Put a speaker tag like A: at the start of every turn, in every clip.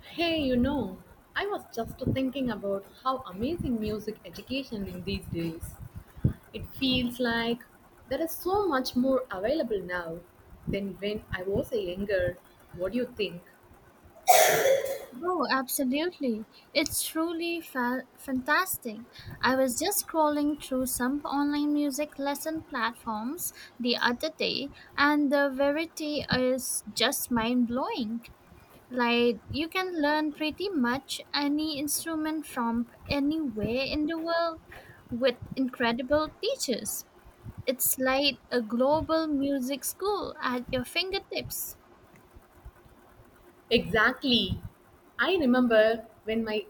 A: Hey, you know, I was just thinking about how amazing music education is these days. It feels like there is so much more available now than when I was a younger. What do you think?
B: Oh, absolutely. It's truly fantastic. I was just scrolling through some online music lesson platforms the other day, and the variety is just mind blowing. Like, you can learn pretty much any instrument from anywhere in the world with incredible teachers. It's like a global music school at your fingertips.
A: Exactly. I remember when my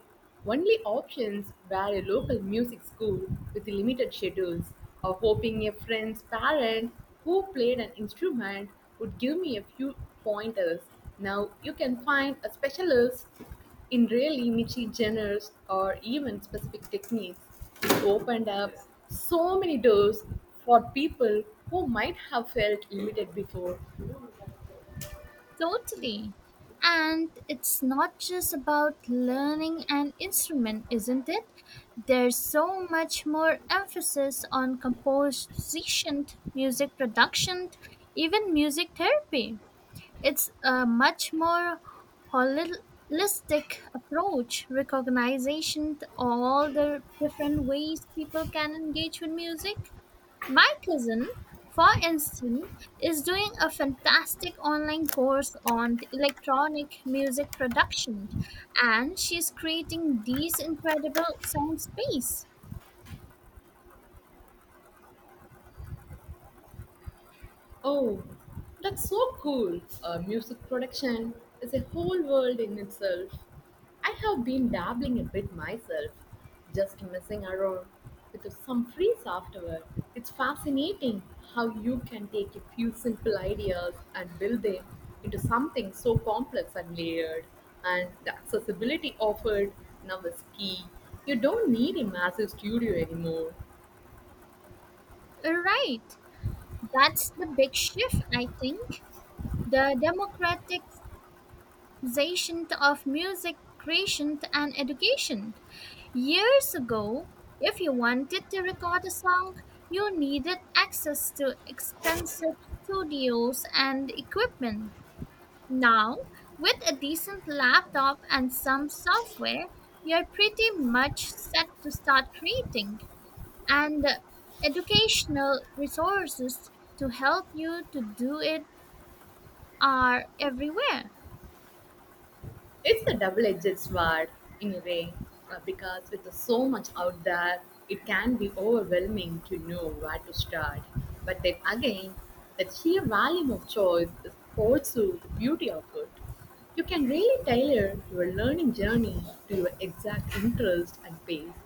A: only options were a local music school with limited schedules, or hoping a friend's parent who played an instrument would give me a few pointers. Now you can find a specialist in really niche genres or even specific techniques. It opened up so many doors for people who might have felt limited before.
B: Totally. And it's not just about learning an instrument, isn't it? There's so much more emphasis on composition, music production, even music therapy. It's a much more holistic approach, recognizing all the different ways people can engage with music. My cousin, for instance, is doing a fantastic online course on the electronic music production, and she's creating these incredible soundscapes.
A: Oh, that's so cool. Music production is a whole world in itself. I have been dabbling a bit myself, just messing around with some free Afterward, it's fascinating how you can take a few simple ideas and build them into something so complex and layered. And the accessibility offered now is key. You don't need a massive studio anymore.
B: Right, that's the big shift, I think. The democratic popularization of music creation and education. Years ago, if you wanted to record a song, you needed access to expensive studios and equipment. Now, with a decent laptop and some software, you're pretty much set to start creating. And educational resources to help you to do it are everywhere.
A: It's a double-edged sword in a way, because with so much out there, it can be overwhelming to know where to start. But then again, the sheer volume of choice is also the beauty of it. You can really tailor your learning journey to your exact interest and pace.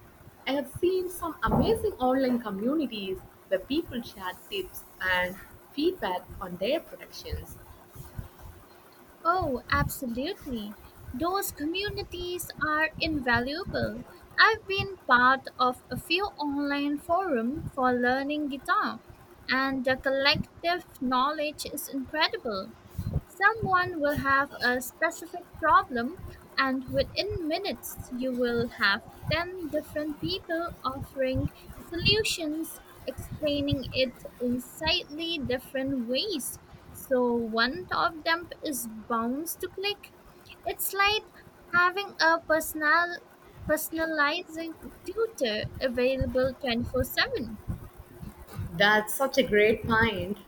A: I have seen some amazing online communities where people share tips and feedback on their productions.
B: Oh, absolutely. Those communities are invaluable. I've been part of a few online forums for learning guitar, and the collective knowledge is incredible. Someone will have a specific problem, and within minutes, you will have 10 different people offering solutions, explaining it in slightly different ways. So, one of them is bound to click. It's like having a personalizing tutor available 24/7.
A: That's such a great point.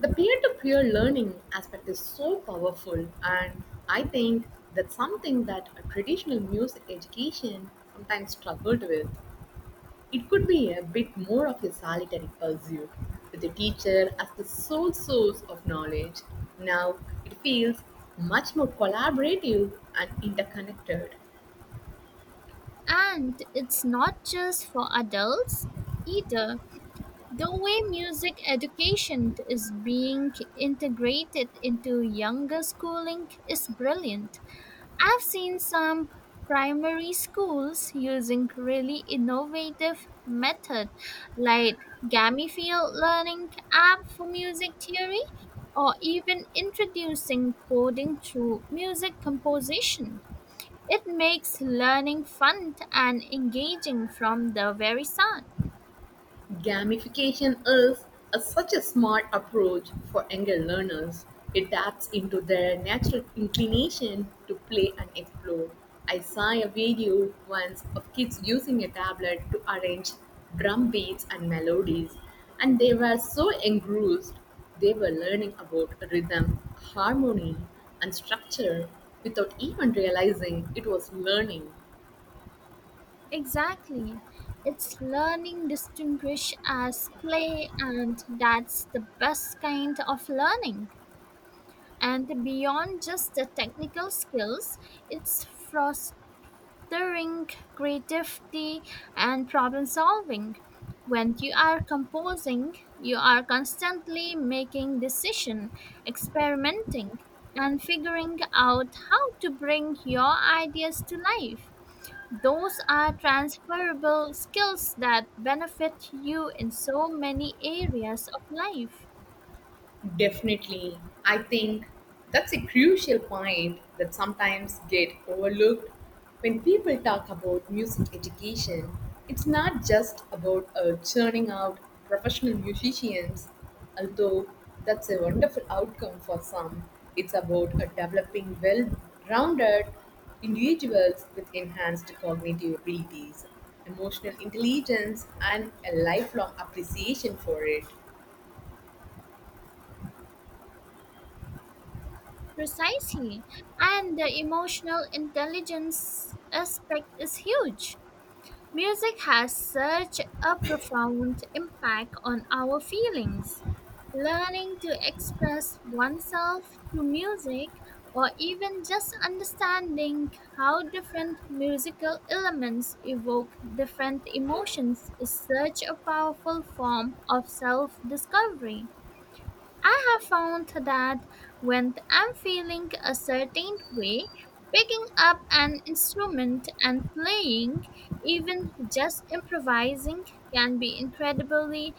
A: The peer to peer learning aspect is so powerful, and I think that's something that a traditional music education sometimes struggled with. It could be a bit more of a solitary pursuit, with the teacher as the sole source of knowledge. Now it feels much more collaborative and interconnected.
B: And it's not just for adults either. The way music education is being integrated into younger schooling is brilliant. I've seen some primary schools using really innovative method like gamified learning app for music theory or even introducing coding through music composition. It makes learning fun and engaging from the very start.
A: Gamification is such a smart approach for younger learners. It taps into their natural inclination to play and explore. I saw a video once of kids using a tablet to arrange drum beats and melodies, and they were so engrossed they were learning about rhythm, harmony, and structure without even realizing it was learning.
B: Exactly. It's learning distinguish as play and that's the best kind of learning. And beyond just the technical skills, it's fostering creativity and problem solving. When you are composing, you are constantly making decision, experimenting and figuring out how to bring your ideas to life. Those are transferable skills that benefit you in so many areas of life.
A: Definitely. I think that's a crucial point that sometimes get overlooked when people talk about music education. It's not just about churning out professional musicians, although that's a wonderful outcome for some. It's about developing well-rounded individuals with enhanced cognitive abilities, emotional intelligence, and a lifelong appreciation for it.
B: Precisely. And the emotional intelligence aspect is huge. Music has such a profound impact on our feelings. Learning to express oneself through music or even just understanding how different musical elements evoke different emotions is such a powerful form of self discovery. I have found that when I'm feeling a certain way, picking up an instrument and playing, even just improvising, can be incredibly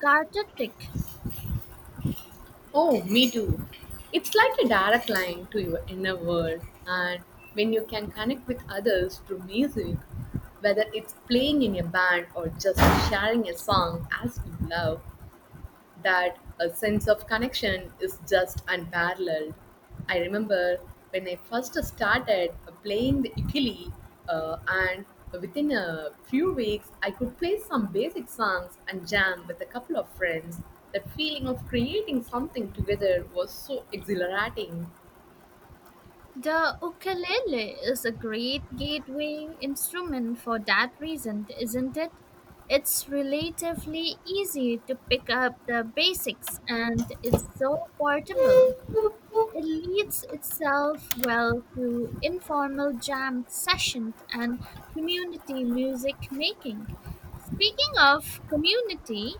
B: cathartic.
A: Oh, me too. It's like a direct line to your inner world, and when you can connect with others through music, whether it's playing in a band or just sharing a song as you love, that a sense of connection is just unparalleled. I remember when I first started playing the ukulele, and within a few weeks, I could play some basic songs and jam with a couple of friends. The feeling of creating something together was so exhilarating.
B: The ukulele is a great gateway instrument for that reason, isn't it? It's relatively easy to pick up the basics and it's so portable. It leads itself well to informal jam sessions and community music making. Speaking of community,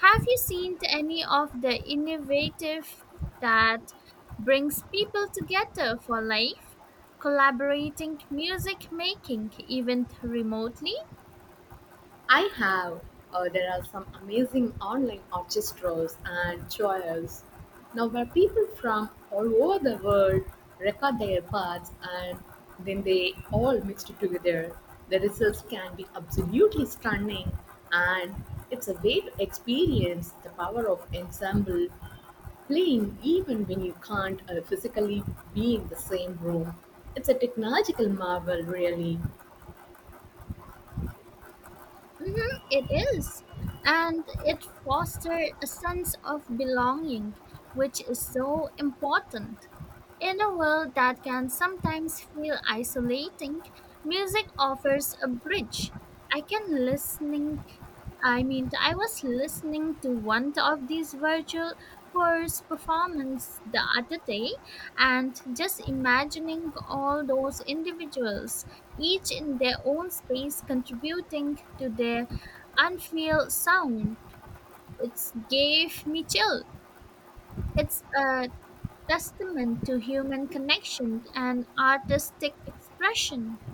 B: have you seen any of the innovative that brings people together for life, collaborating music making even remotely?
A: I have. There are some amazing online orchestras and choirs now where people from all over the world record their parts and then they all mixed it together. The results can be absolutely stunning, and it's a way to experience the power of ensemble playing even when you can't physically be in the same room. It's a technological marvel, really.
B: Mhm, it is. And it fosters a sense of belonging, which is so important. In a world that can sometimes feel isolating, music offers a bridge. I can listening I was listening to one of these virtual chorus performance the other day and just imagining all those individuals each in their own space, contributing to their unreal sound. It gave me chill. It's a testament to human connection and artistic expression.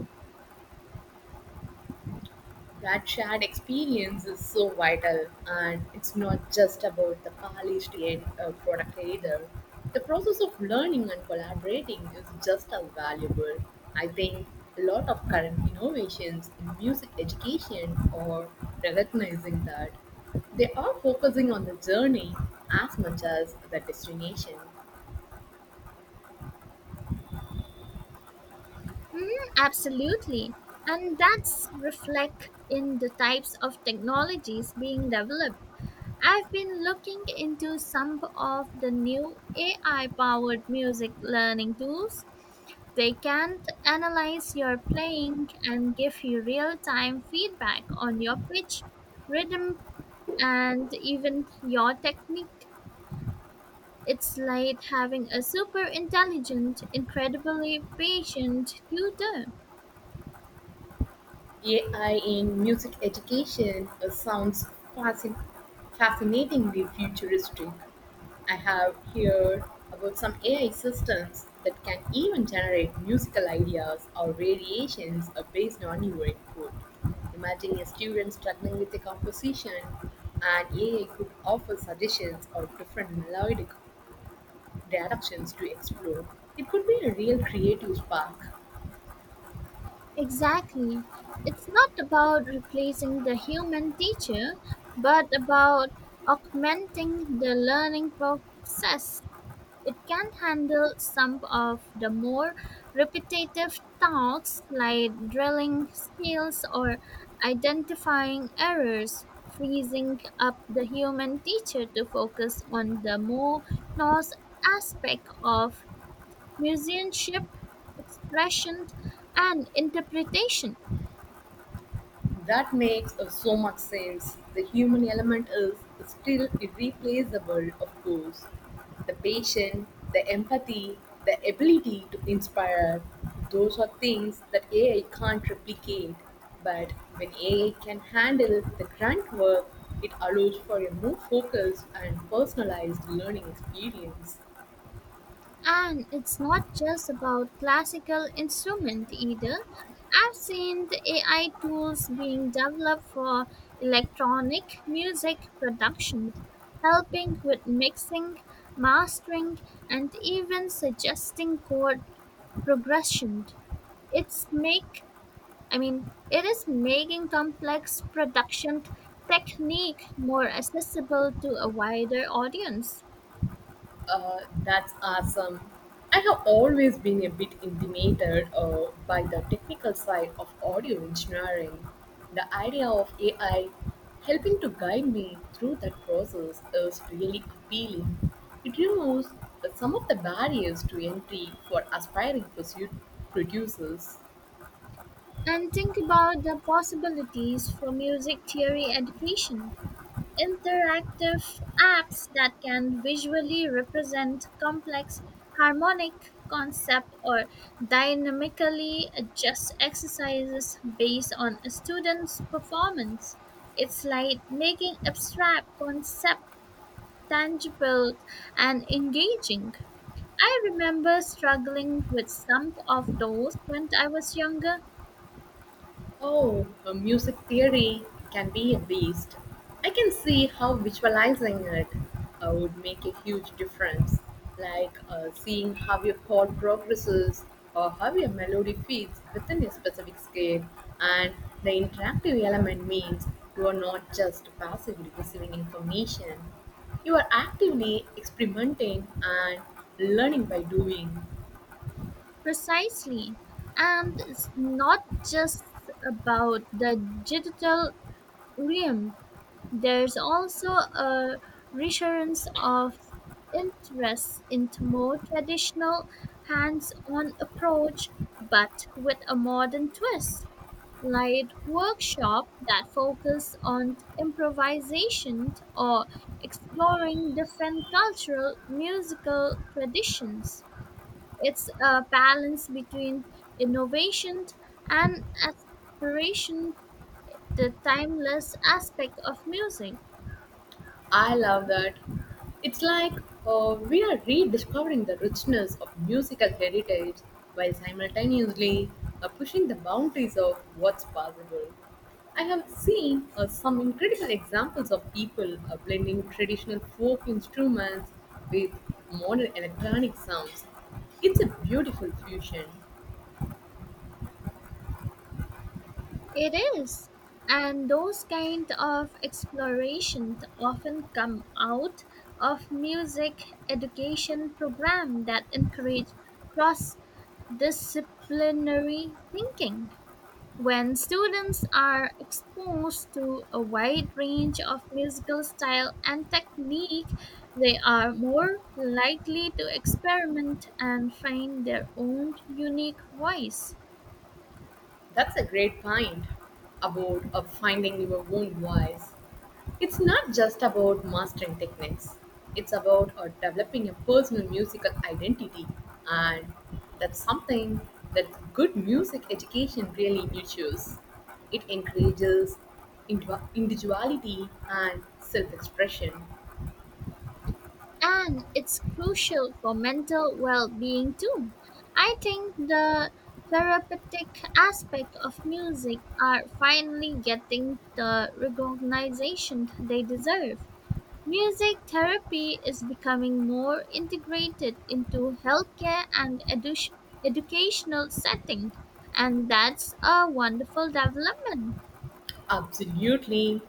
A: That shared experience is so vital, and it's not just about the polished end product either. The process of learning and collaborating is just as valuable. I think a lot of current innovations in music education are recognizing that they are focusing on the journey as much as the destination.
B: Mm, absolutely. And that's reflect in the types of technologies being developed. I've been looking into some of the new AI powered music learning tools. They can't analyze your playing and give you real time feedback on your pitch, rhythm, and even your technique. It's like having a super intelligent, incredibly patient tutor.
A: AI in music education sounds fascin- fascinatingly futuristic. I have heard about some AI systems that can even generate musical ideas or variations based on your input. Imagine a student struggling with a composition, and AI could offer suggestions or different melodic directions to explore. It could be a real creative spark.
B: Exactly. It's not about replacing the human teacher, but about augmenting the learning process. It can handle some of the more repetitive tasks like drilling skills or identifying errors, freezing up the human teacher to focus on the more nuanced aspect of musicianship, expression, and interpretation.
A: That makes so much sense. The human element is still irreplaceable, of course. The patience, the empathy, the ability to inspire, those are things that AI can't replicate. But when AI can handle the grunt work, it allows for a more focused and personalized learning experience.
B: And it's not just about classical instrument either. I've seen the AI tools being developed for electronic music production, helping with mixing, mastering, and even suggesting chord progression. It's make it is making complex production technique more accessible to a wider audience.
A: That's awesome. I have always been a bit intimidated by the technical side of audio engineering. The idea of AI helping to guide me through that process is really appealing. It removes some of the barriers to entry for aspiring producers.
B: And think about the possibilities for music theory education. Interactive apps that can visually represent complex harmonic concept or dynamically adjust exercises based on a student's performance. It's like making abstract concept tangible and engaging. I remember struggling with some of those when I was younger.
A: Oh, music theory can be a beast. I can see how visualizing it would make a huge difference, like seeing how your chord progresses or how your melody fits within a specific scale. And the interactive element means you are not just passively receiving information, you are actively experimenting and learning by doing.
B: Precisely. And it's not just about the digital realm, there's also a resurgence of interest into more traditional hands on approach, but with a modern twist, like workshops that focus on improvisation or exploring different cultural musical traditions. It's a balance between innovation and aspiration, the timeless aspect of music.
A: I love that. It's like we are rediscovering the richness of musical heritage while simultaneously pushing the boundaries of what's possible. I have seen some incredible examples of people blending traditional folk instruments with modern electronic sounds. It's a beautiful fusion.
B: It is. And those kind of exploration often come out of music education program that encourage cross disciplinary thinking. When students are exposed to a wide range of musical style and technique, they are more likely to experiment and find their own unique voice.
A: That's a great point about finding your own voice. It's not just about mastering techniques, it's about developing a personal musical identity, and that's something that good music education really nurtures. It encourages individuality and self expression.
B: And it's crucial for mental well being too. I think the therapeutic aspect of music are finally getting the recognition they deserve. Music therapy is becoming more integrated into healthcare and educational settings, and that's a wonderful development.
A: Absolutely.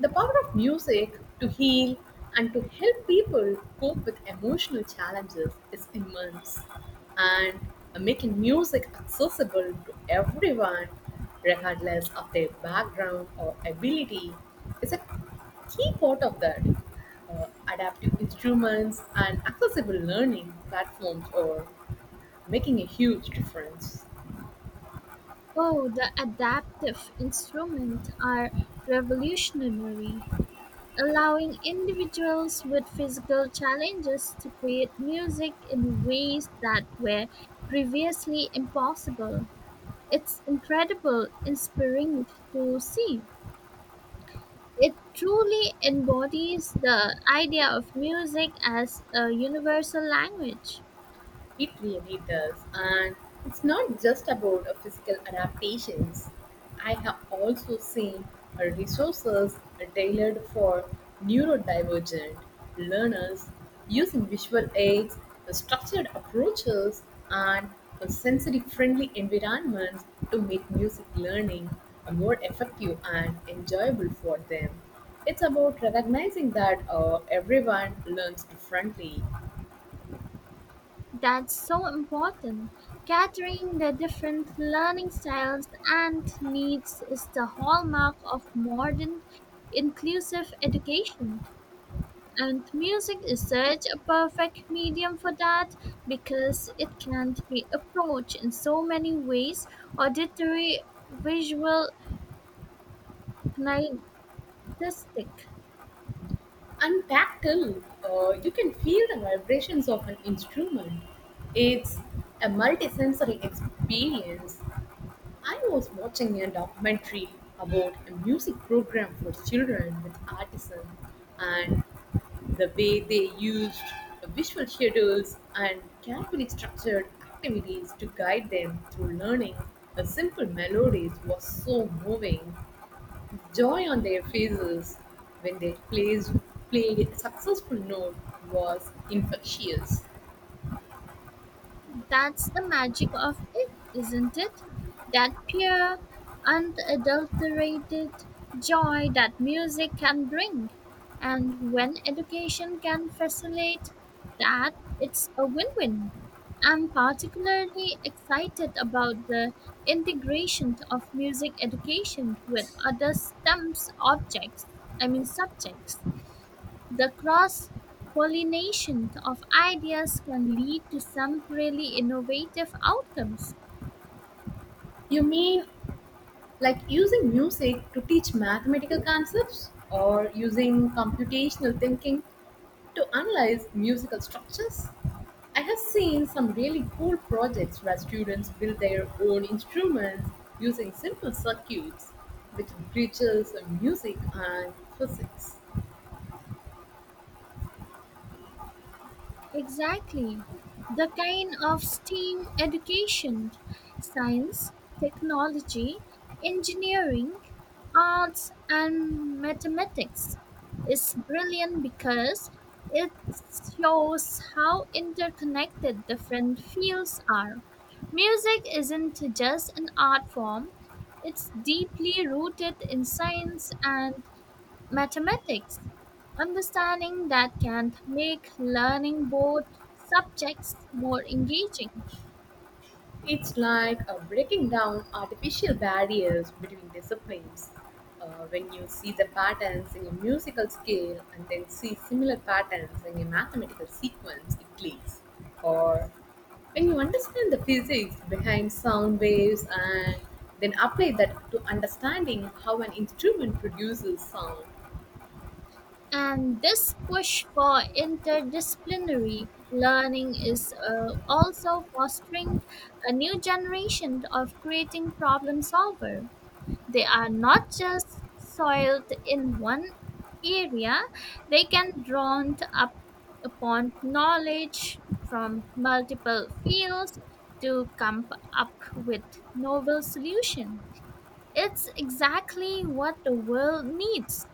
A: The power of music to heal and to help people cope with emotional challenges is immense. And making music accessible to everyone, regardless of their background or ability, is a key part of that. Uh, Adaptive instruments and accessible learning platforms are making a huge difference.
B: Oh, the adaptive instruments are revolutionary, allowing individuals with physical challenges to create music in ways that were previously impossible. It's incredible, inspiring to see. It truly embodies the idea of music as a universal language.
A: It really does. And it's not just about physical adaptations. I have also seen resources tailored for neurodivergent learners using visual aids, structured approaches, and sensory friendly environments to make music learning more effective and enjoyable for them. It's about recognizing that everyone learns differently.
B: That's so important. Catering the different learning styles and needs is the hallmark of modern inclusive education. And music is such a perfect medium for that because it can be approached in so many ways: auditory, visual, kinesthetic.
A: And tactile, you can feel the vibrations of an instrument. It's a multisensory experience. I was watching a documentary about a music program for children with autism and the way they used visual schedules and carefully structured activities to guide them through learning. The simple melodies was so moving. Joy on their faces when they played a successful note was infectious.
B: That's the magic of it, isn't it? That pure, unadulterated joy that music can bring. And when education can facilitate that, it's a win win. I'm particularly excited about the integration of music education with other subjects. The cross pollination of ideas can lead to some really innovative outcomes.
A: You mean like using music to teach mathematical concepts or using computational thinking to analyze musical structures? I have seen some really cool projects where students build their own instruments using simple circuits, which bridges music and physics.
B: Exactly. The kind of STEAM education: science, technology, engineering, arts, and mathematics is brilliant because it shows how interconnected different fields are. Music isn't just an art form, it's deeply rooted in science and Mathematics. Understanding that can make learning both subjects more engaging.
A: It's like breaking down artificial barriers between disciplines. When you see the patterns in a musical scale and then see similar patterns in a mathematical sequence, it clicks. Or when you understand the physics behind sound waves and then apply that to understanding how an instrument produces sound.
B: And this push for interdisciplinary learning is also fostering a new generation of creating problem solver. They are not just soiled in one area, they can drawn up upon knowledge from multiple fields to come up with novel solution. It's exactly what the world needs.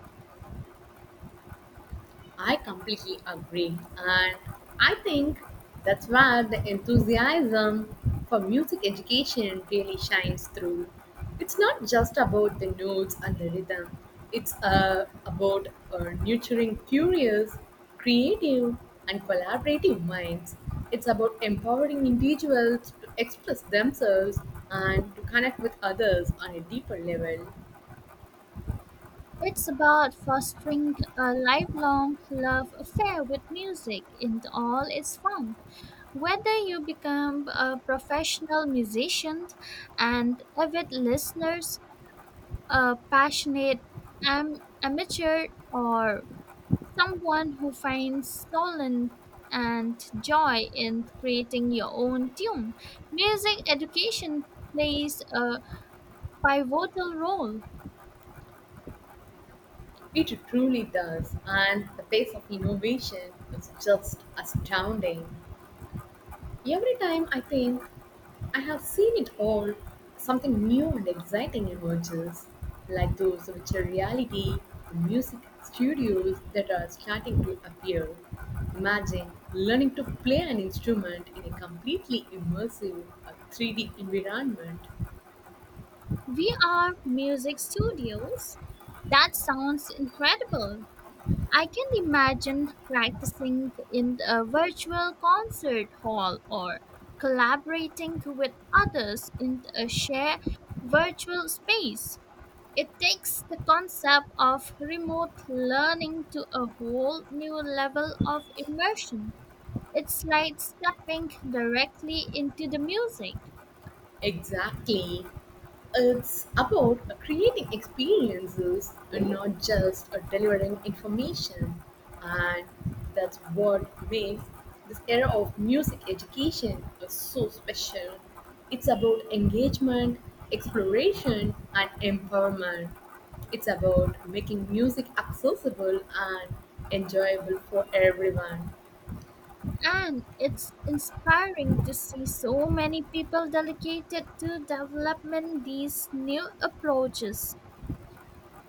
A: I completely agree. And I think that's where the enthusiasm for music education really shines through. It's not just about the notes and the rhythm, it's about nurturing curious, creative, and collaborative minds. It's about empowering individuals to express themselves and to connect with others on a deeper level.
B: It's about fostering a lifelong love affair with music in all its form. Whether you become a professional musician and avid listeners a passionate am- amateur or someone who finds solace and joy in creating your own tune. Music education plays a pivotal role.
A: It truly does, and the pace of innovation is just astounding. Every time I think I have seen it all, something new and exciting emerges, like those virtual reality music studios that are starting to appear. Imagine learning to play an instrument in a completely immersive 3D environment.
B: We are music studios. That sounds incredible. I can imagine practicing in a virtual concert hall or collaborating with others in a shared virtual space. It takes the concept of remote learning to a whole new level of immersion. It's like stepping directly into the music.
A: Exactly. It's about creating experiences and not just delivering information. And that's what makes this era of music education so special. It's about engagement, exploration, and empowerment. It's about making music accessible and enjoyable for everyone.
B: And it's inspiring to see so many people dedicated to development these new approaches: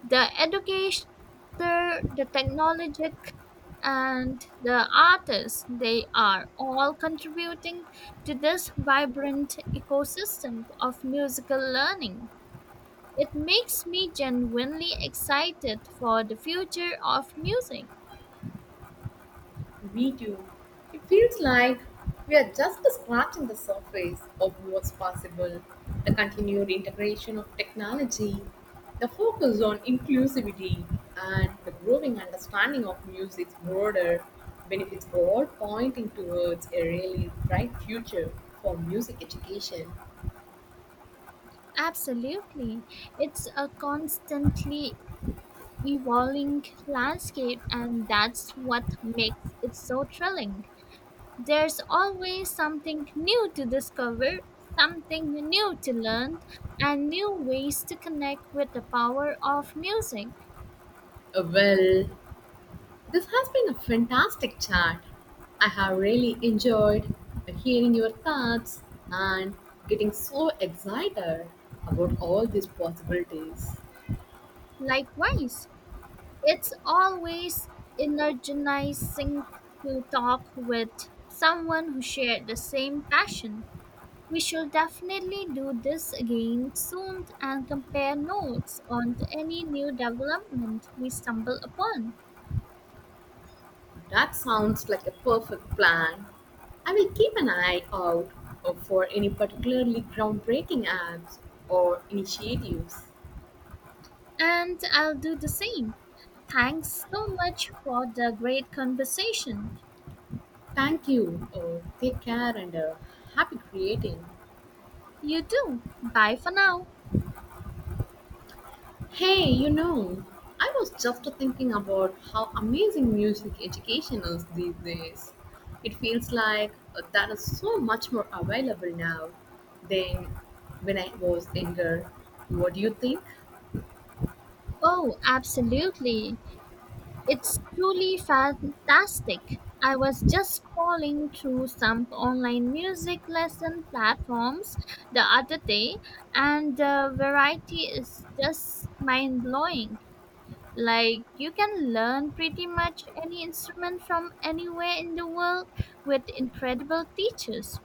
B: the educator, the technologic, and the artists, they are all contributing to this vibrant ecosystem of musical learning. It makes me genuinely excited for the future of music.
A: Me too. It feels like we are just scratching the surface of what's possible. The continued integration of technology, the focus on inclusivity, and the growing understanding of music's broader benefits are all pointing towards a really bright future for music education.
B: Absolutely. It's a constantly evolving landscape, and that's what makes it so thrilling. There's always something new to discover, something new to learn, and new ways to connect with the power of music.
A: Well, this has been a fantastic chat. I have really enjoyed hearing your thoughts and getting so excited about all these possibilities.
B: Likewise, it's always energizing to talk with someone who shared the same passion. We should definitely do this again soon and compare notes on any new development we stumble upon.
A: That sounds like a perfect plan. I will keep an eye out for any particularly groundbreaking apps or initiatives.
B: And I'll do the same. Thanks so much for the great conversation.
A: Thank you. Take care and happy creating.
B: You too. Bye for now.
A: Hey, you know, I was just thinking about how amazing music education is these days. It feels like that is so much more available now than when I was younger. What do you think?
B: Oh, absolutely. It's truly fantastic. I was just scrolling through some online music lesson platforms the other day, and the variety is just mind blowing. Like, you can learn pretty much any instrument from anywhere in the world with incredible teachers.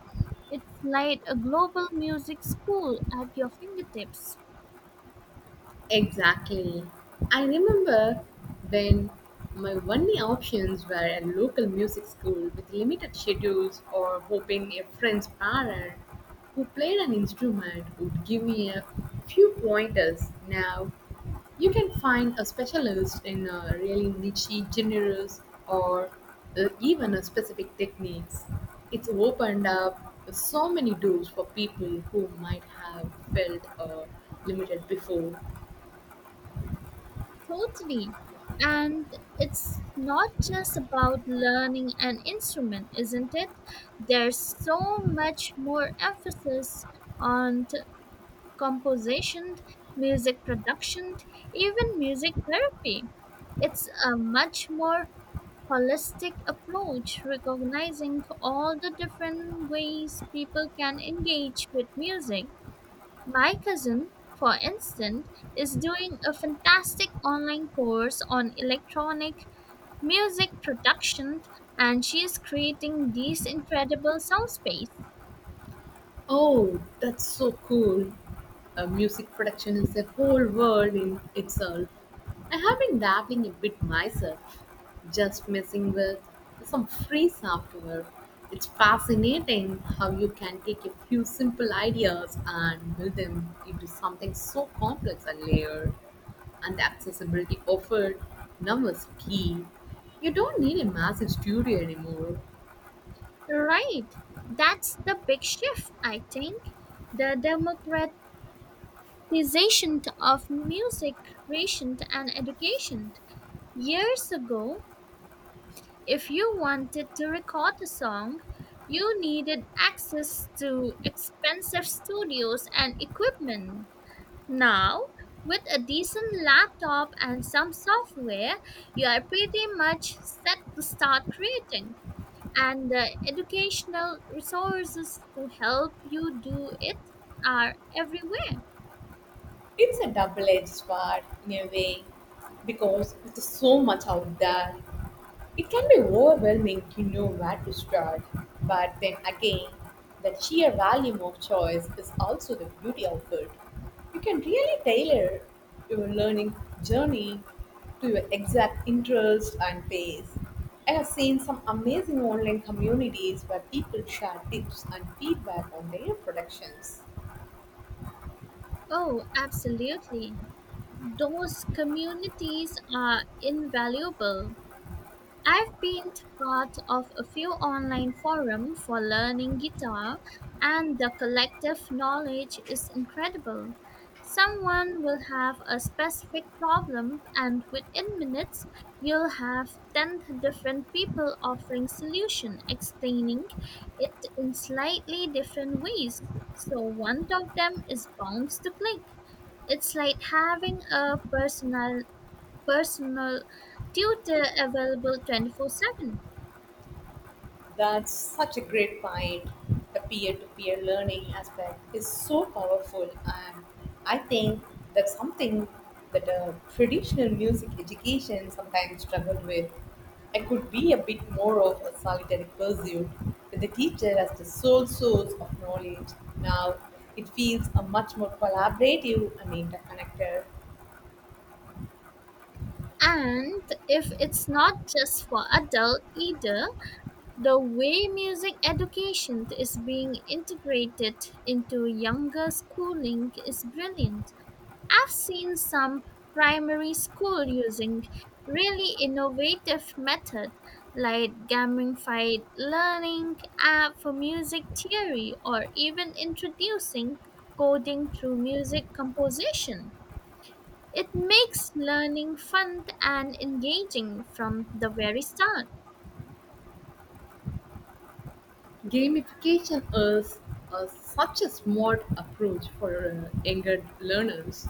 B: It's like a global music school at your fingertips.
A: Exactly. I remember when my only options were a local music school with limited schedules or hoping a friend's parent who played an instrument would give me a few pointers. Now you can find a specialist in a really niche genres or even a specific techniques. It's opened up so many doors for people who might have felt limited before.
B: Totally. And it's not just about learning an instrument, isn't it? There's so much more emphasis on composition, music production, even music therapy. It's a much more holistic approach, recognizing all the different ways people can engage with music. My cousin, for instance, is doing a fantastic online course on electronic music production, and she is creating these incredible soundscapes.
A: Oh, that's so cool. A music production is a whole world in itself. I have been dabbling a bit myself, just messing with some free software. It's fascinating how you can take a few simple ideas and build them into something so complex and layered. And the accessibility offered now is key. You don't need a massive studio anymore.
B: Right. That's the big shift, I think. The democratization of music creation and education. Years ago, if you wanted to record a song, you needed access to expensive studios and equipment. Now, with a decent laptop and some software, you are pretty much set to start creating, and the educational resources to help you do it are everywhere.
A: It's a double edged sword in a way because with so much out there, it can be overwhelming to know where to start. But then again, the sheer volume of choice is also the beauty of it. You can really tailor your learning journey to your exact interest and pace. I have seen some amazing online communities where people share tips and feedback on their productions.
B: Oh, absolutely. Those communities are invaluable. I've been part of a few online forums for learning guitar, and the collective knowledge is incredible. Someone will have a specific problem, and within minutes, you'll have 10 different people offering solution, explaining it in slightly different ways. So one of them is bound to click. It's like having a personal tutor available 24/7.
A: That's such a great point. The peer to peer learning aspect is so powerful, and I think that's something that traditional music education sometimes struggle with. It could be a bit more of a solitary pursuit with the teacher as the sole source of knowledge. Now, it feels a much more collaborative and interconnected.
B: And if it's not just for adult either, the way music education is being integrated into younger schooling is brilliant. I've seen some primary school using really innovative method like gamified learning app for music theory or even introducing coding through music composition. It makes learning fun and engaging from the very start.
A: Gamification is such a smart approach for younger learners.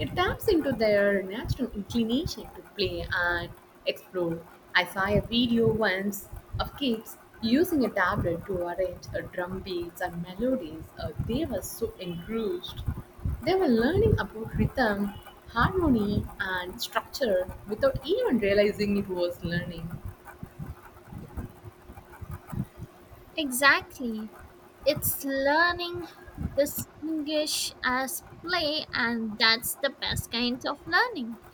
A: It taps into their natural inclination to play and explore. I saw a video once of kids using a tablet to arrange drum beats and melodies. They were so engrossed. They were learning about rhythm, harmony, and structure without even realizing it was learning.
B: Exactly. It's learning distinguish as play, and that's the best kind of learning.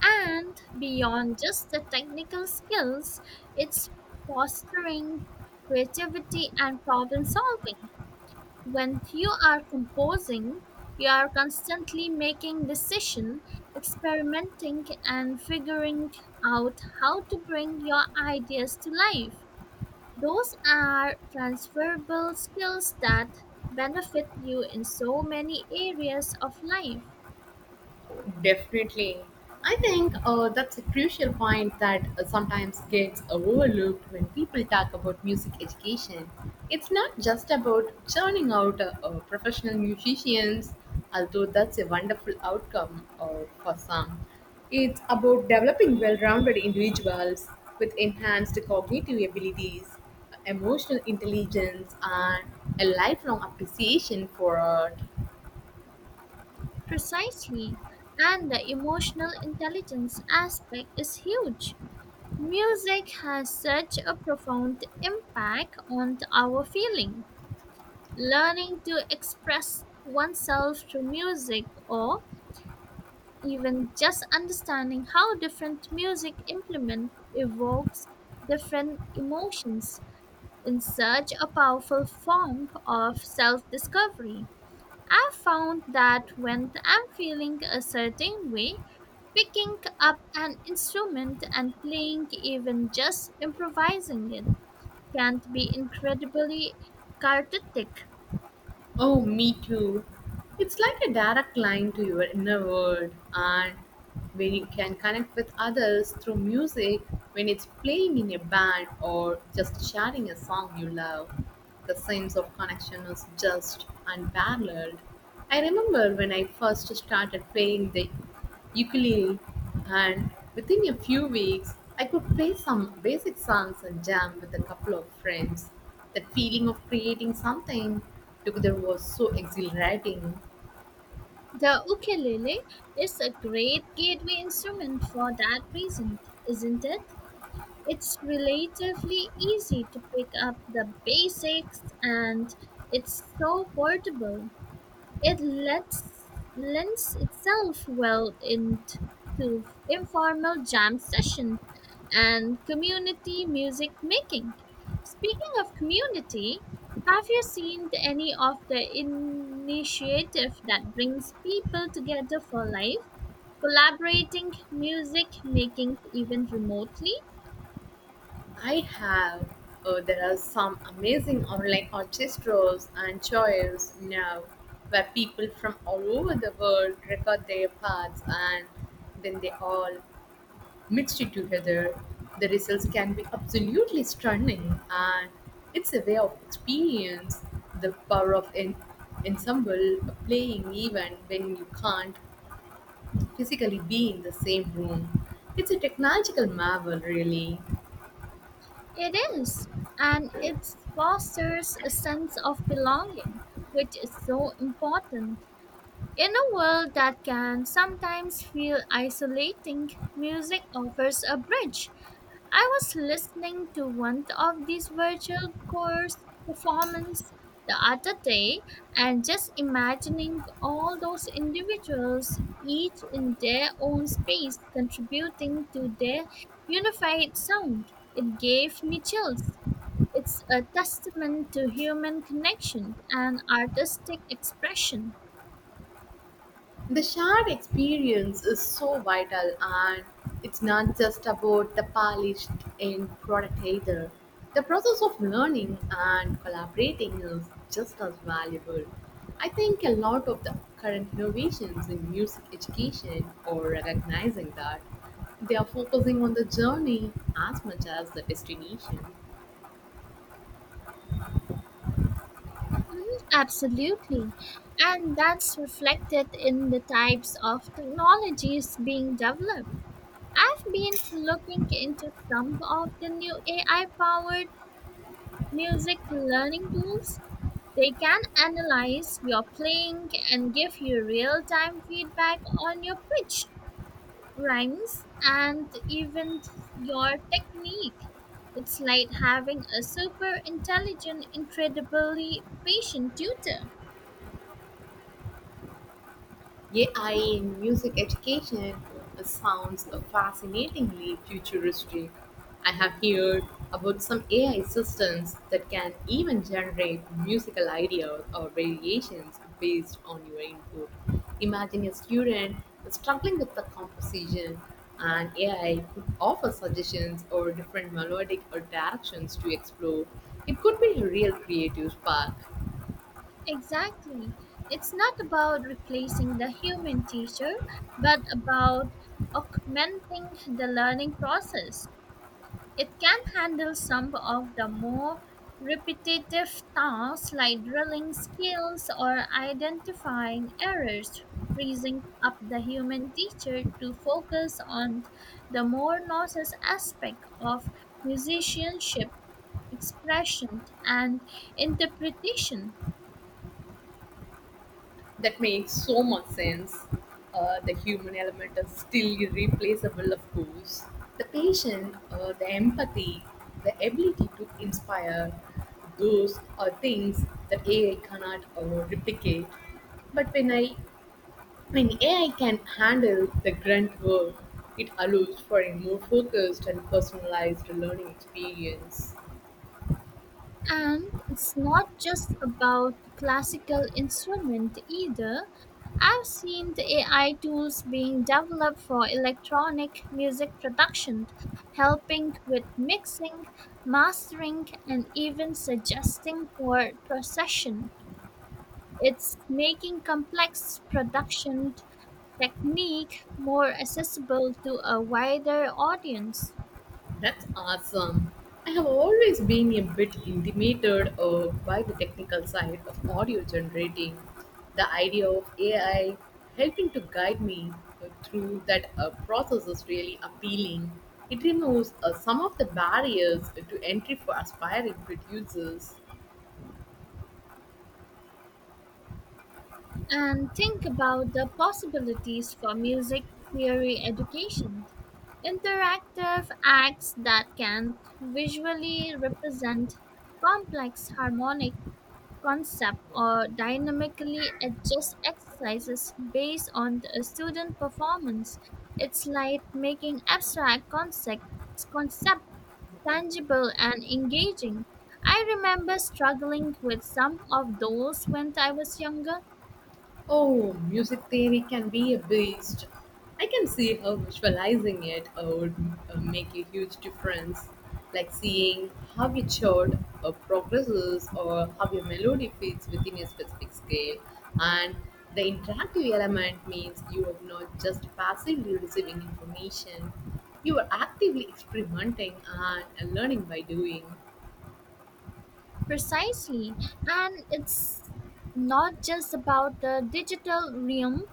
B: And beyond just the technical skills, it's fostering creativity and problem solving. When you are composing, you are constantly making decisions, experimenting, and figuring out how to bring your ideas to life. Those are transferable skills that benefit you in so many areas of life.
A: Definitely. I think that's a crucial point that sometimes gets overlooked when people talk about music education. It's not just about churning out professional musicians, although that's a wonderful outcome for some. It's about developing well rounded individuals with enhanced cognitive abilities, emotional intelligence, and a lifelong appreciation for art.
B: Precisely. And the emotional intelligence aspect is huge. Music has such a profound impact on our feeling. Learning to express oneself through music or even just understanding how different music implement evokes different emotions in such a powerful form of self-discovery. I found that when I'm feeling a certain way, picking up an instrument and playing, even just improvising it, can be incredibly cathartic.
A: Oh, me too. It's like a direct line to your inner world, and when you can connect with others through music, when it's playing in a band or just sharing a song you love, the sense of connection is just unparalleled. I remember when I first started playing the ukulele, and within a few weeks, I could play some basic songs and jam with a couple of friends. That feeling of creating something together was so exhilarating.
B: The ukulele is a great gateway instrument for that reason, isn't it? It's relatively easy to pick up the basics, and it's so portable. It lends itself well into informal jam sessions and community music making. Speaking of community, have you seen any of the initiative that brings people together for life, collaborating music making even remotely?
A: I have. There are some amazing online orchestras and choirs now where people from all over the world record their parts and then they all mixed together. The results can be absolutely stunning, and it's a way of experience the power of an ensemble playing even when you can't physically be in the same room. It's a technological marvel, really.
B: It is, and it fosters a sense of belonging, which is so important. In a world that can sometimes feel isolating, music offers a bridge. I was listening to one of these virtual chorus performances the other day and just imagining all those individuals, each in their own space, contributing to their unified sound. It gave me chills. It's a testament to human connection and artistic expression.
A: The shared experience is so vital, and it's not just about the polished end product either. The process of learning and collaborating is just as valuable. I think a lot of the current innovations in music education are recognizing that they are focusing on the journey as much as the destination.
B: Absolutely. And that's reflected in the types of technologies being developed. I've been looking into some of the new AI powered music learning tools. They can analyze your playing and give you real time feedback on your pitch, rhymes, and even your technique. It's like having a super intelligent, incredibly patient tutor.
A: AI in music education sounds fascinatingly futuristic. I have heard about some AI systems that can even generate musical ideas or variations based on your input. Imagine a student struggling with the composition, and AI could offer suggestions or different melodic or directions to explore. It could be a real creative spark.
B: Exactly. It's not about replacing the human teacher, but about augmenting the learning process. It can handle some of the more repetitive tasks like drilling skills or identifying errors, freezing up the human teacher to focus on the more nuanced aspect of musicianship, expression, and interpretation.
A: That makes so much sense. The human element is still irreplaceable, of course. The patience, the empathy, the ability to inspire, those are things that AI cannot replicate. But when AI can handle the grunt work, it allows for a more focused and personalized learning experience.
B: And it's not just about classical instrument either. I've seen the AI tools being developed for electronic music production, helping with mixing, mastering, and even suggesting chord procession. It's making complex production technique more accessible to a wider audience.
A: That's awesome. I have always been a bit intimidated by the technical side of audio generating. The idea of AI helping to guide me through that process is really appealing. It removes some of the barriers to entry for aspiring producers.
B: And think about the possibilities for music theory education. Interactive acts that can visually represent complex harmonic concept or dynamically adjust exercises based on the student performance. It's like making abstract concept tangible and engaging. I remember struggling with some of those when I was younger.
A: Oh, music theory can be a beast. I can see how visualizing it would make a huge difference, like seeing how a chord progresses or how a melody fits within a specific scale. And the interactive element means you are not just passively receiving information, you are actively experimenting and learning by doing.
B: Precisely. And it's not just about the digital realm,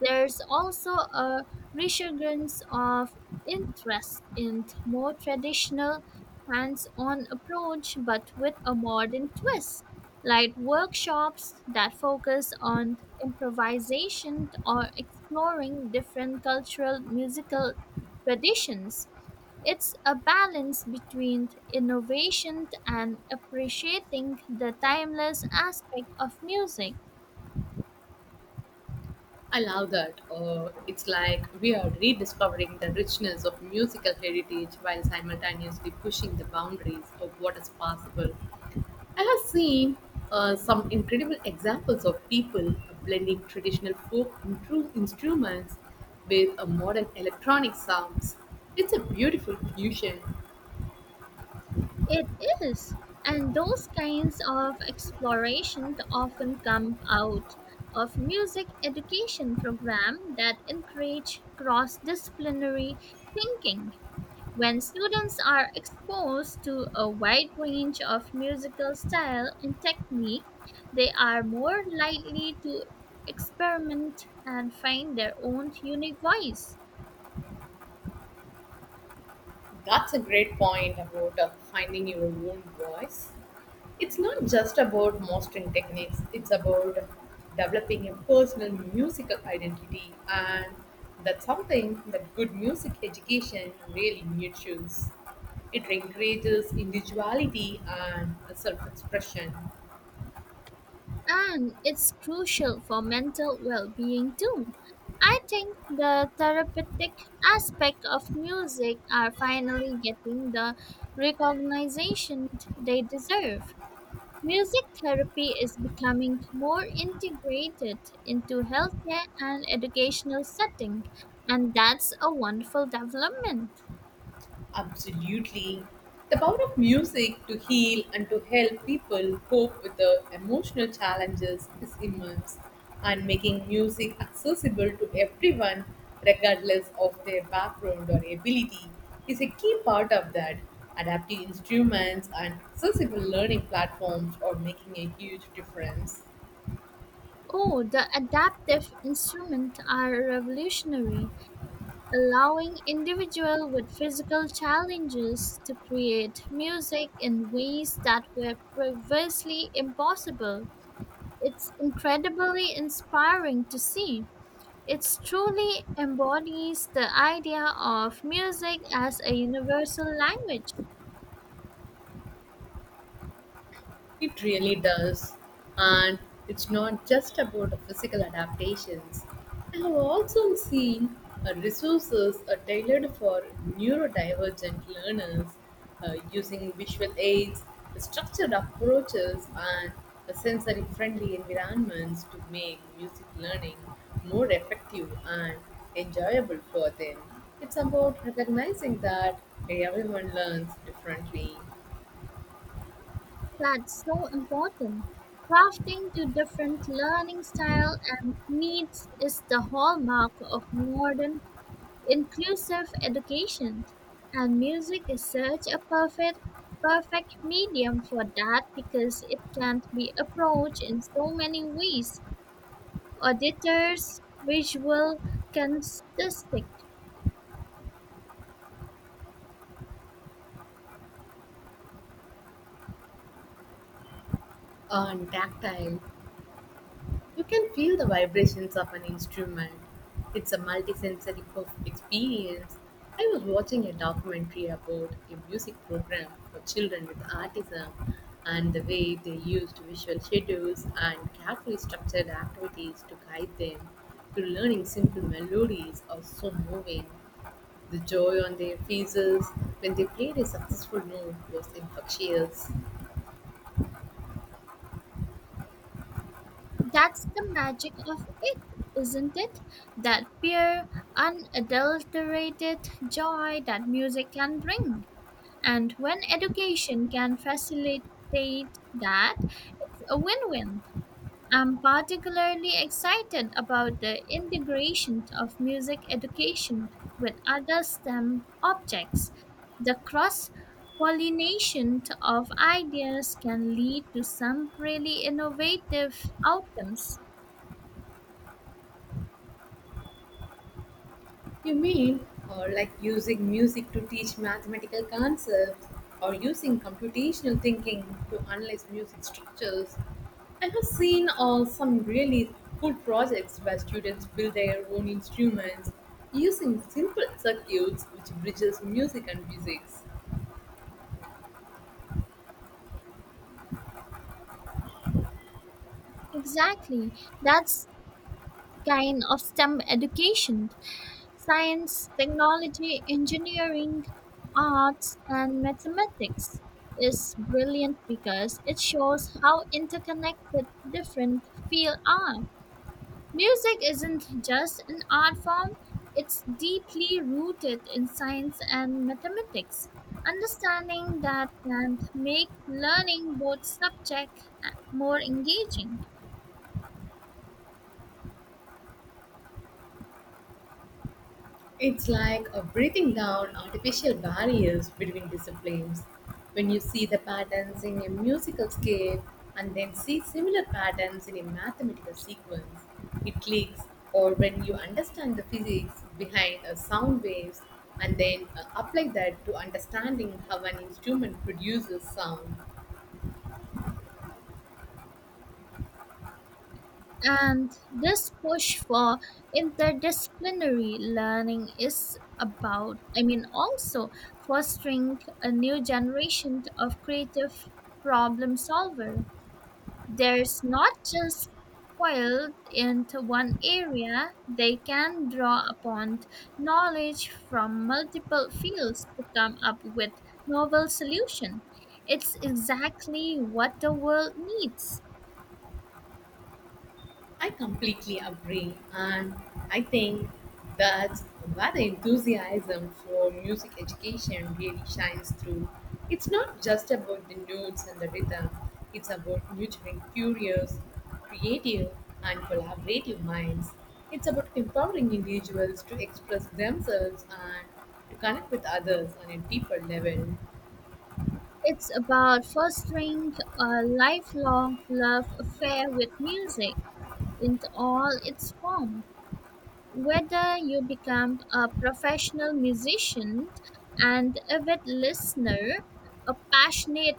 B: there's also a resurgence of interest in more traditional hands on approach but with a modern twist, like workshops that focus on improvisation or exploring different cultural musical traditions. It's a balance between innovation and appreciating the timeless aspect of music.
A: I love that. It's like we are rediscovering the richness of musical heritage while simultaneously pushing the boundaries of what is possible. I have seen some incredible examples of people blending traditional folk instruments with a modern electronic sounds. It's a beautiful fusion.
B: It is, and those kinds of exploration often come out of music education program that encourage cross-disciplinary thinking. When students are exposed to a wide range of musical style and technique, they are more likely to experiment and find their own unique voice.
A: That's a great point about finding your own voice. It's not just about mastering techniques, it's about developing a personal musical identity, and that's something that good music education really nurtures. It encourages individuality and self expression.
B: And it's crucial for mental well being too. I think the therapeutic aspect of music are finally getting the recognition they deserve. Music therapy is becoming more integrated into healthcare and educational setting, and that's a wonderful development.
A: Absolutely. The power of music to heal and to help people cope with their emotional challenges is immense, and making music accessible to everyone, regardless of their background or ability, is a key part of that. Adaptive instruments and accessible learning platforms are making a huge difference.
B: Oh, the adaptive instruments are revolutionary, allowing individuals with physical challenges to create music in ways that were previously impossible. It's incredibly inspiring to see. It truly embodies the idea of music as a universal language.
A: It really does. And it's not just about physical adaptations. I have also seen resources are tailored for neurodivergent learners using visual aids, structured approaches, and sensory friendly environments to make music learning more effective and enjoyable for them. It's about recognizing that everyone learns differently
B: That's so important. Crafting to different learning style and needs is the hallmark of modern inclusive education. And music is such a perfect medium for that because it can be approached in so many ways. Auditors, visual, kinesthetic.
A: and tactile. You can feel the vibrations of an instrument. It's a multisensory experience. I was watching a documentary about a music program for children with autism and the way they used visual schedules and carefully structured activities to guide them to learning simple melodies or so moving. The joy on their faces when they played a successful note was infectious.
B: That's the magic of it, isn't it? That pure, unadulterated joy that music can bring. And when education can facilitate that, it's a win win. I'm particularly excited about the integration of music education with other STEM objects. The cross pollination of ideas can lead to some really innovative outcomes.
A: You mean like using music to teach mathematical concepts or using computational thinking to analyze music structures? I have seen some really cool projects where students build their own instruments using simple circuits which bridges music and physics.
B: Exactly. That's kind of STEM education. Science, technology, engineering, arts, and mathematics is brilliant because it shows how interconnected different fields are. Music isn't just an art form, it's deeply rooted in science and mathematics. Understanding that can make learning both subject more engaging.
A: It's like a breathing down artificial barriers between disciplines. When you see the patterns in a musical scale and then see similar patterns in a mathematical sequence, it clicks. Or when you understand the physics behind a sound waves and then apply that to understanding how an instrument produces sound,
B: And this push for interdisciplinary learning is about, I mean, also fostering a new generation of creative problem solver. There's not just spoiled into one area, they can draw upon knowledge from multiple fields to come up with novel solution. It's exactly what the world needs.
A: I completely agree, and I think that's where the enthusiasm for music education really shines through. It's not just about the notes and the rhythm, it's about nurturing curious, creative, and collaborative minds. It's about empowering individuals to express themselves and to connect with others on a deeper level.
B: It's about fostering a lifelong love affair with music in all its form. Whether you become a professional musician, an avid listener, a passionate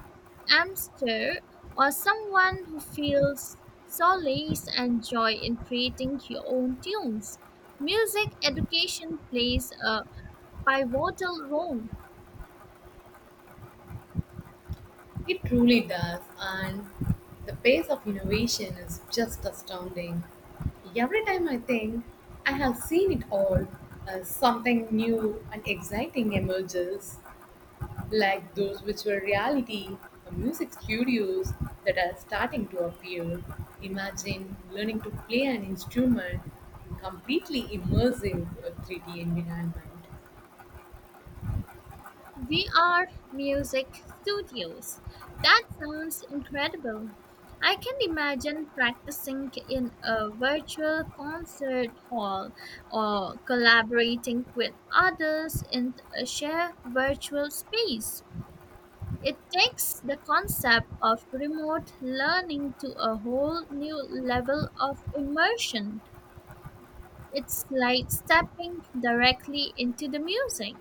B: amster, or someone who feels solace and joy in creating your own tunes, music education plays a pivotal role.
A: It truly does, and the pace of innovation is just astounding. Every time I think I have seen it all, something new and exciting emerges, like those virtual reality or music studios that are starting to appear. Imagine learning to play an instrument in completely immersive 3D environment.
B: VR music studios. That sounds incredible. I can imagine practicing in a virtual concert hall or collaborating with others in a shared virtual space. It takes the concept of remote learning to a whole new level of immersion. It's like stepping directly into the music.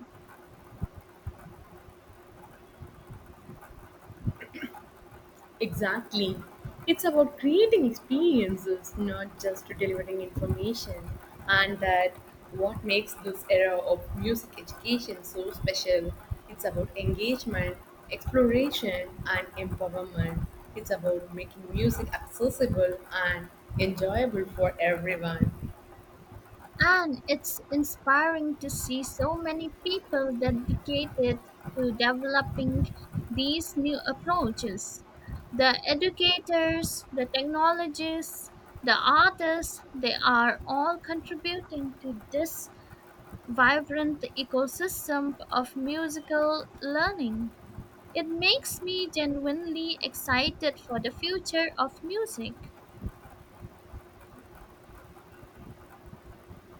A: Exactly. It's about creating experiences, not just delivering information. And that what makes this era of music education so special. It's about engagement, exploration, and empowerment. It's about making music accessible and enjoyable for everyone.
B: And it's inspiring to see so many people dedicated to developing these new approaches. The educators, the technologists, the artists, they are all contributing to this vibrant ecosystem of musical learning. It makes me genuinely excited for the future of music.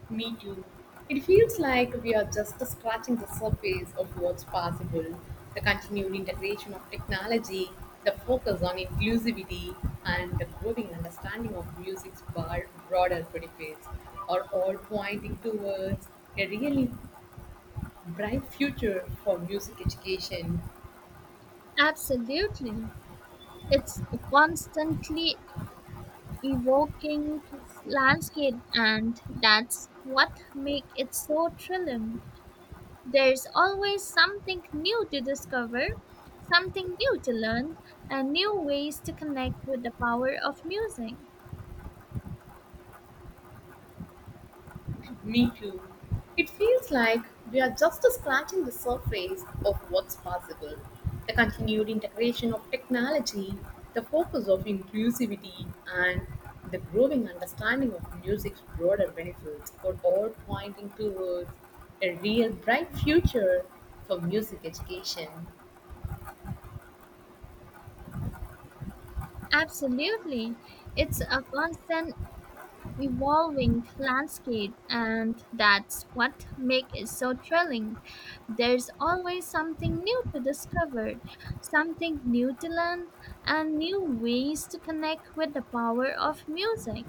A: Me too. It feels like we are just scratching the surface of what's possible. The continued integration of technology, the focus on inclusivity, and the growing understanding of music's broader benefits are all pointing towards a really bright future for music education.
B: Absolutely. It's a constantly evoking landscape, and that's what make it so thrilling. There's always something new to discover, something new to learn, and new ways to connect with the power of music.
A: Me too. It feels like we are just scratching the surface of what's possible. The continued integration of technology, the focus of inclusivity, and the growing understanding of music's broader benefits are all pointing towards a real bright future for music education.
B: Absolutely. It's a constant evolving landscape, and that's what makes it so thrilling. There's always something new to discover, something new to learn, and new ways to connect with the power of music.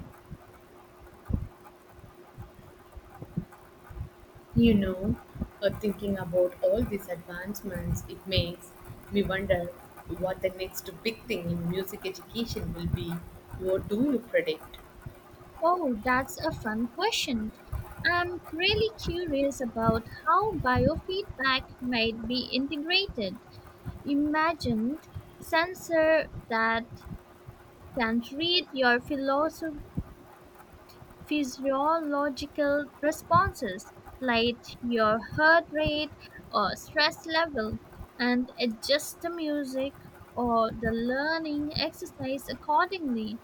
A: You know, thinking about all these advancements, it makes me wonder what the next big thing in music education will be. What do you predict?
B: Oh, that's a fun question. I'm really curious about how biofeedback might be integrated. Imagine sensor that can read your philosophy Physiological responses like your heart rate or stress level, and adjust the music or the learning exercise accordingly.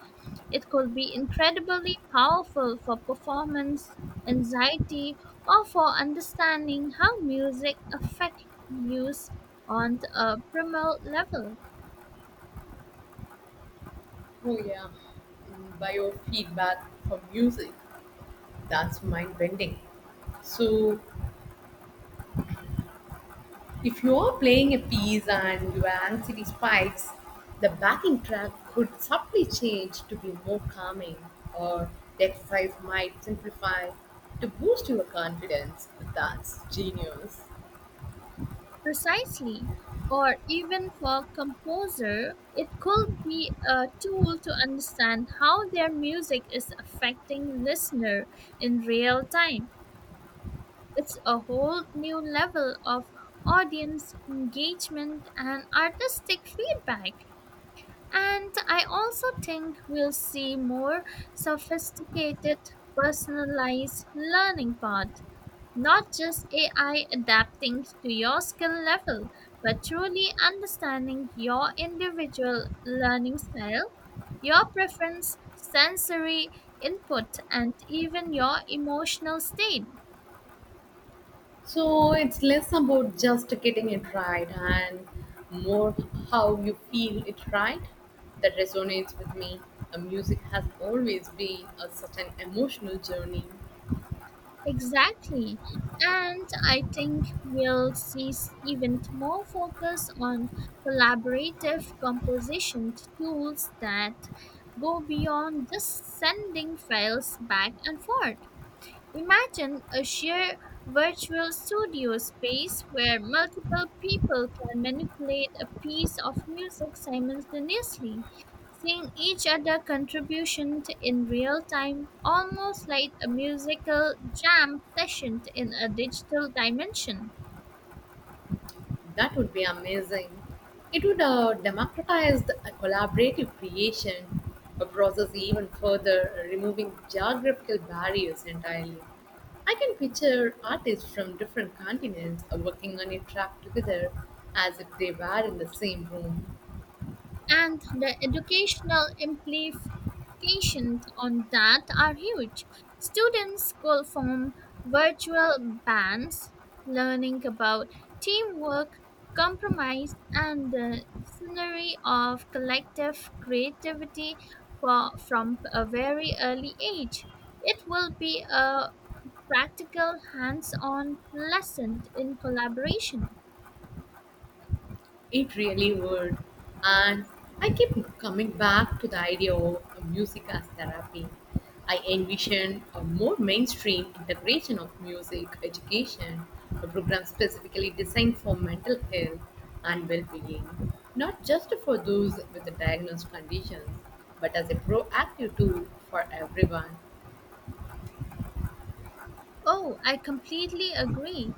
B: It could be incredibly powerful for performance anxiety or for understanding how music affects you on a primal level.
A: Oh, yeah, biofeedback for music. That's mind bending. So, if you are playing a piece and your anxiety spikes, the backing track could subtly change to be more calming, or the exercise might simplify to boost your confidence. That's genius.
B: Precisely. Or even for composer, it could be a tool to understand how their music is affecting listener in real time. It's a whole new level of audience engagement and artistic feedback. And I also think we'll see more sophisticated personalized learning path, not just AI adapting to your skill level, but truly understanding your individual learning style, your preference, sensory input, and even your emotional state.
A: So it's less about just getting it right and more how you feel it right. That resonates with me. A music has always been a, such an emotional journey.
B: Exactly. And I think we'll see even more focus on collaborative composition tools that go beyond just sending files back and forth. Imagine a sheer virtual studio space where multiple people can manipulate a piece of music simultaneously, seeing each other contribution in real time, almost like a musical jam session in a digital dimension.
A: That would be amazing. It would democratize the collaborative creation a process even further, removing geographical barriers entirely. I can picture artists from different continents working on a track together as if they were in the same room.
B: And the educational implications on that are huge. Students could form virtual bands, learning about teamwork, compromise, and the scenery of collective creativity for, from a very early age. It will be a practical, hands on lesson in collaboration.
A: It really would. And I keep coming back to the idea of music as therapy. I envision a more mainstream integration of music education, a program specifically designed for mental health and well being, not just for those with diagnosed conditions, but as a proactive tool for everyone.
B: Oh, I completely agree.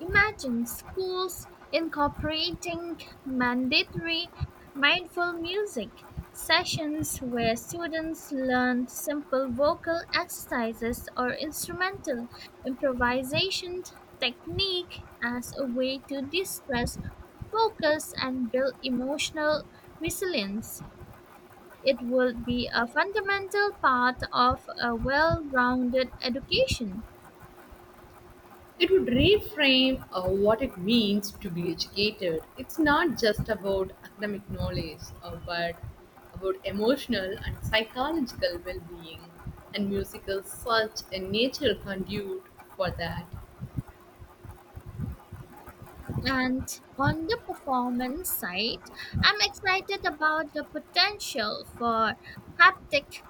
B: Imagine schools incorporating mandatory mindful music sessions where students learn simple vocal exercises or instrumental improvisation technique as a way to distress, focus, and build emotional resilience. It would be a fundamental part of a well rounded education.
A: It would reframe what it means to be educated. It's not just about academic knowledge, but about emotional and psychological well being, and music is such a natural conduit for that.
B: And on the performance side, I'm excited about the potential for haptic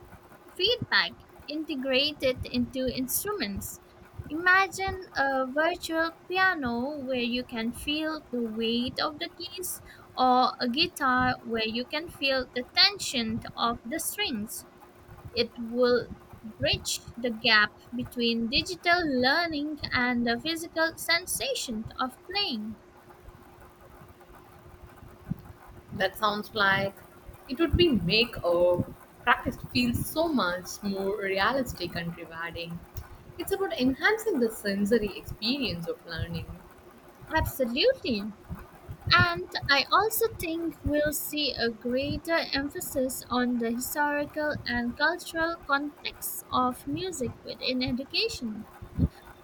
B: feedback integrated into instruments. Imagine a virtual piano where you can feel the weight of the keys, or a guitar where you can feel the tension of the strings. It will bridge the gap between digital learning and the physical sensation of playing.
A: That sounds like it would be make our practice feel so much more realistic and rewarding. It's about enhancing the sensory experience of learning.
B: Absolutely. And I also think we'll see a greater emphasis on the historical and cultural context of music within education,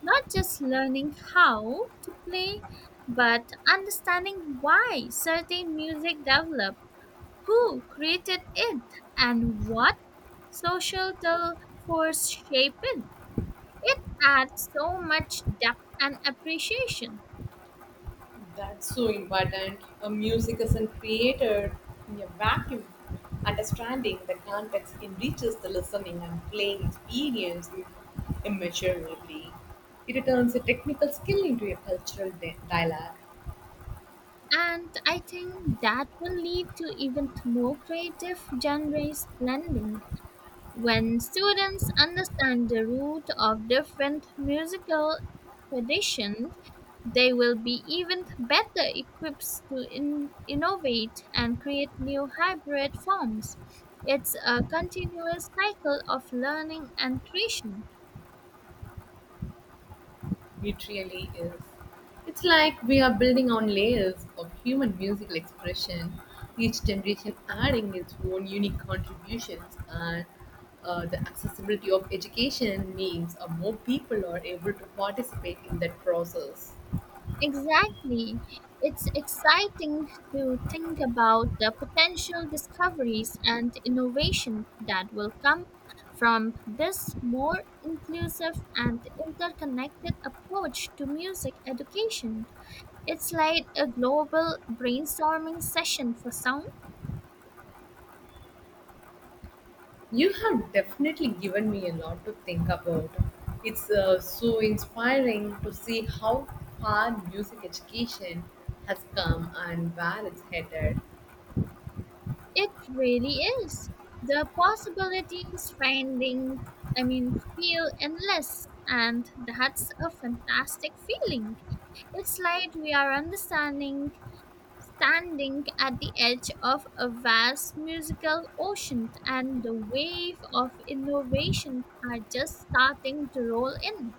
B: not just learning how to play, but understanding why certain music developed, who created it, and what social force shaped it. It adds so much depth and appreciation.
A: That's so important. A music isn't created in a vacuum. Understanding the context enriches the listening and playing experience immeasurably. It turns a technical skill into a cultural dialogue.
B: And I think that will lead to even more creative genres blending. When students understand the root of different musical traditions, they will be even better equipped to innovate and create new hybrid forms. It's a continuous cycle of learning and creation.
A: It really is. It's like we are building on layers of human musical expression, each generation adding its own unique contributions, and the accessibility of education means more people are able to participate in that process.
B: Exactly. It's exciting to think about the potential discoveries and innovation that will come from this more inclusive and interconnected approach to music education. It's like a global brainstorming session for sound.
A: You have definitely given me a lot to think about. It's so inspiring to see how far music education has come and where it's headed.
B: It really is. The possibilities finding, I mean, feel endless, and that's a fantastic feeling. It's like we are standing at the edge of a vast musical ocean, and the wave of innovation are just starting to roll in.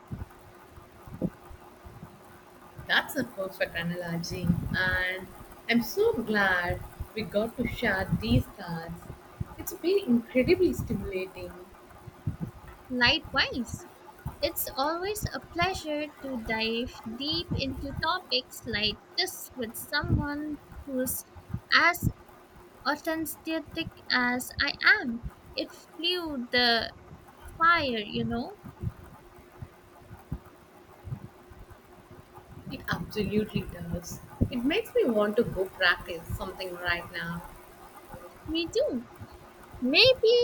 A: That's a perfect analogy, and I'm so glad we got to share these thoughts. It's been incredibly stimulating.
B: Likewise. It's always a pleasure to dive deep into topics like this with someone who's as authentic as I am. It flew the fire, you know?
A: It absolutely does. It makes me want to go practice something right now,
B: Me too. Maybe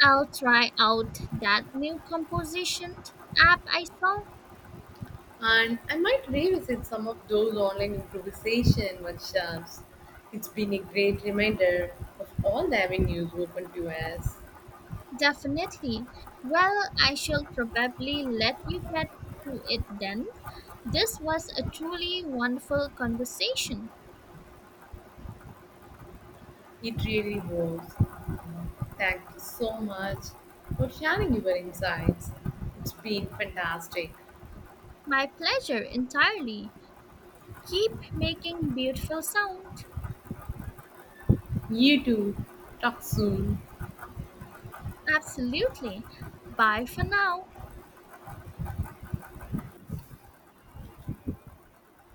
B: I'll try out that new composition app I saw.
A: and I might revisit some of those online improvisation workshops. It's been a great reminder of all the avenues open to us.
B: Definitely. Well, I shall probably let you get to it then. This was a truly wonderful conversation.
A: It really was. Thank you so much for sharing your insights. It's been fantastic.
B: My pleasure entirely. Keep making beautiful sound.
A: You too. Talk soon.
B: Absolutely. Bye for now.